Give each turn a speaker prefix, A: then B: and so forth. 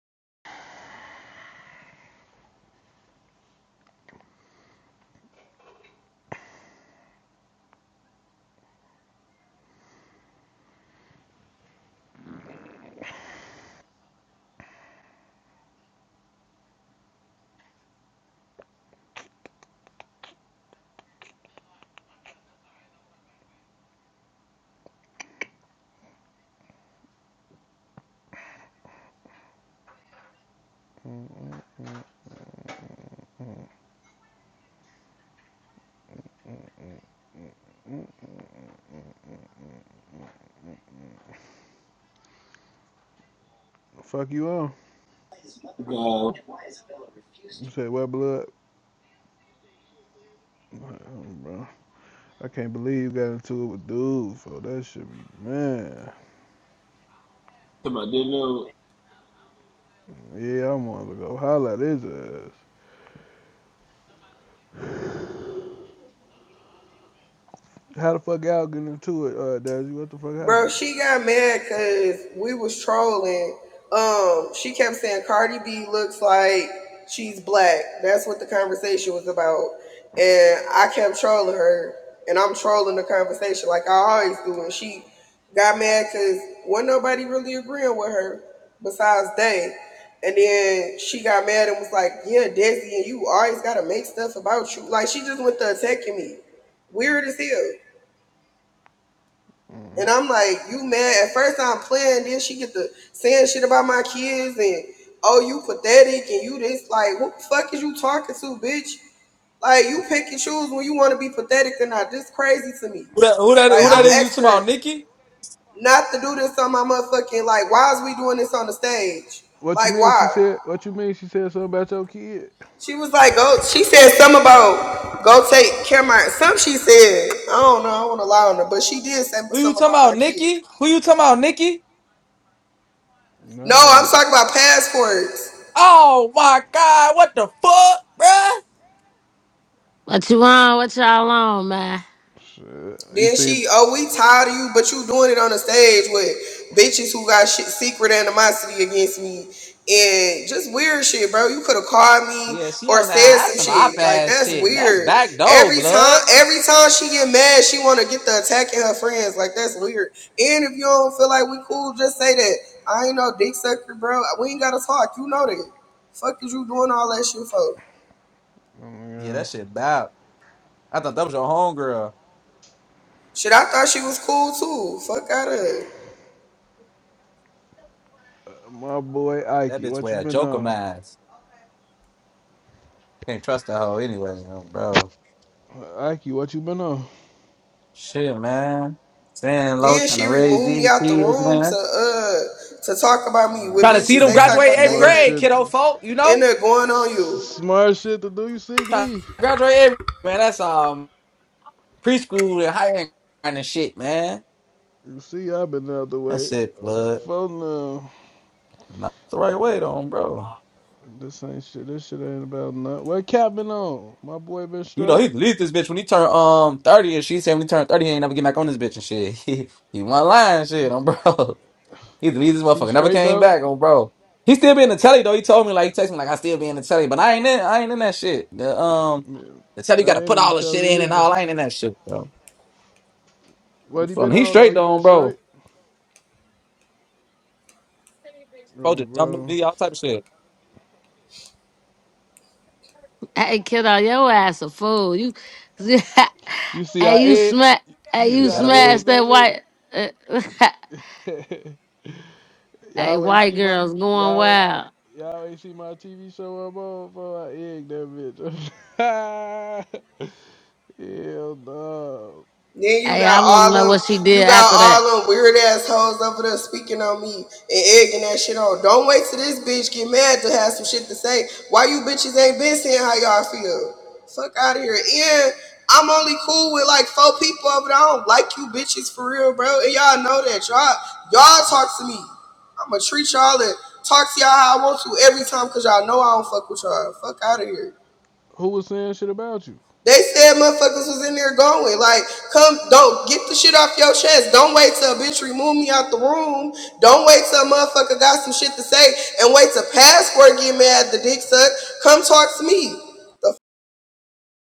A: Fuck you up.
B: God,
A: You said what blood? Mm, Bro. I can't believe you got into it with dudes, so that should be man.
B: come on, did know.
A: Yeah, I'm gonna go holler at his ass. How the fuck y'all getting into it, uh Dazzy? What the fuck happened?
C: Bro, she got mad because we was trolling. Um, she kept saying Cardi B looks like she's black. That's what the conversation was about. And I kept trolling her, and I'm trolling the conversation like I always do. And she got mad because wasn't nobody really agreeing with her besides they. And then she got mad and was like, "Yeah, Desi, and you always gotta make stuff about you." Like she just went to attacking me. Weird as hell. And I'm like, you mad? At first I'm playing, then she get to saying shit about my kids and oh you pathetic and you this like what the fuck is you talking to, bitch? Like you pick and choose when you want to be pathetic or not. This crazy to me.
D: Who that, who that
C: Like
D: who
A: What you
C: I'm
D: that
A: mean
D: is you talking
C: asking her
D: about, Nikki?
C: not to do this on my motherfucking like why is we doing this on the stage?
A: what you
C: Like
A: mean she
C: why?
A: said what you mean she said something about your kid?
C: She was like, go she said something about go take care of my some she said. I don't know, I don't wanna lie on her, but she did say
D: Who you
C: something about
D: talking
C: my
D: about,
C: kids.
D: Nikki? Who you talking about, Nikki?
C: No,
A: No
C: I'm talking about passports.
D: Oh my god, what the fuck, bruh?
E: What you on? What y'all on, man?
A: shit. You
C: Then
A: seem
C: she, oh, we tired of you, but you doing it on the stage with bitches who got shit, secret animosity against me and just weird shit, bro. You could have called me
D: Yeah, she
C: or
D: on
C: said
D: that. That's
C: some
D: some op
C: shit. Like
D: ass
C: that's
D: shit, man. That's
C: weird.
D: back door,
C: Every time,
D: blood.
C: every time she get mad, she want to get the attacking her friends. Like that's weird. And if you don't feel like we cool, just say that. I ain't no dick sucker, bro. We ain't gotta talk. You know that. Fuck is you doing all that shit for?
A: oh my
D: Yeah,
A: god.
D: that shit bad. I thought that was your homegirl.
C: Shit, I thought she was cool too. Fuck out of.
A: Uh, My boy
D: That
A: Ikey,
D: bitch
A: what you
D: wear a
A: been
D: joker
A: on?
D: mask. Can't trust the hoe anyway, you know, bro.
A: Uh, Ikey, what you been on?
D: Shit, man. Staying low,
C: Then
D: trying
C: she
D: to raise
C: removed me
D: these
C: out the
D: kids,
C: room to
D: man.
C: uh to talk about me with
D: Trying to see
C: bitches.
D: them
C: They
A: Mhm,
C: talk
D: graduate
C: about
D: eighth
C: they in
A: Smart
C: there
D: grade,
A: shit,
D: kiddo
A: to,
D: folk, you
C: in
D: know?
C: there going on you.
A: s- smart shit to do. You see
D: Trying to
A: me?
D: graduate eighth man, that's all preschool and higher and shit, man.
A: You see, I've been the other way.
D: That's it,
A: Oh,
D: blood.
A: Fuck no,
D: Not the right way, though, bro.
A: This ain't shit. This shit ain't about nothing. What cap been on? My boy been
D: You know,
A: straight.
D: he leave this bitch when he turned um 30 and she said when he turned 30, he ain't never get back on this bitch and shit. He, he wasn't lying and shit
A: He,
D: on bro. He leave this
A: he
D: motherfucker. Never
A: straight
D: came
A: though.
D: back on bro. He still be in the telly though. He told me like he texted me like I still be in the telly, but I ain't in I ain't in that shit. The um
A: Man,
D: the telly
A: I
D: gotta
A: ain't
D: put
A: in the
D: all the shit in
A: telly
D: and
A: either.
D: all I ain't in that shit, bro. I'm
A: What he
D: fucking-
A: been
D: He
A: on though?
D: straight
A: He been
D: though,
A: straight.
D: bro. Bro
A: Bro,
D: just jumped the
A: bro.
D: video, all type of shit.
E: Hey, kiddo, your ass a fool. You,
A: You see,
E: hey,
A: I
E: you
A: egg.
E: smash, hey,
A: You
D: You
A: see,
D: just
E: you
A: I
D: gotta maneuver.
A: egg
E: smash
A: that
E: that
A: bit.
E: white, uh, hey,
A: Y'all ain't
E: white
A: see my
E: girls going
A: y'all y'all ain't
E: wild.
A: y'all ain't see my TV show I'm on for I egg that bitch. Hell no.
C: Then you
E: Hey,
C: got
E: I want
C: all
E: to know
C: them,
E: what she did
C: you got
E: after that.
C: all them weird assholes over there speaking on me and egging that shit on. Don't wait till this bitch get mad to have some shit to say. Why you bitches ain't been saying how y'all feel? Fuck out of here. And I'm only cool with like four people over there. I don't like you bitches for real, bro. And y'all know that. Y'all, y'all talk to me. I'ma treat y'all and talk to y'all how I want to every time because y'all know I don't fuck with y'all. Fuck out of here.
A: Who was saying shit about you?
C: They said motherfuckers was in there going. Like, come, don't get the shit off your chest. Don't wait till a bitch remove me out the room. Don't wait till a motherfucker got some shit to say and wait till passport get mad the dick suck. Come talk to me. The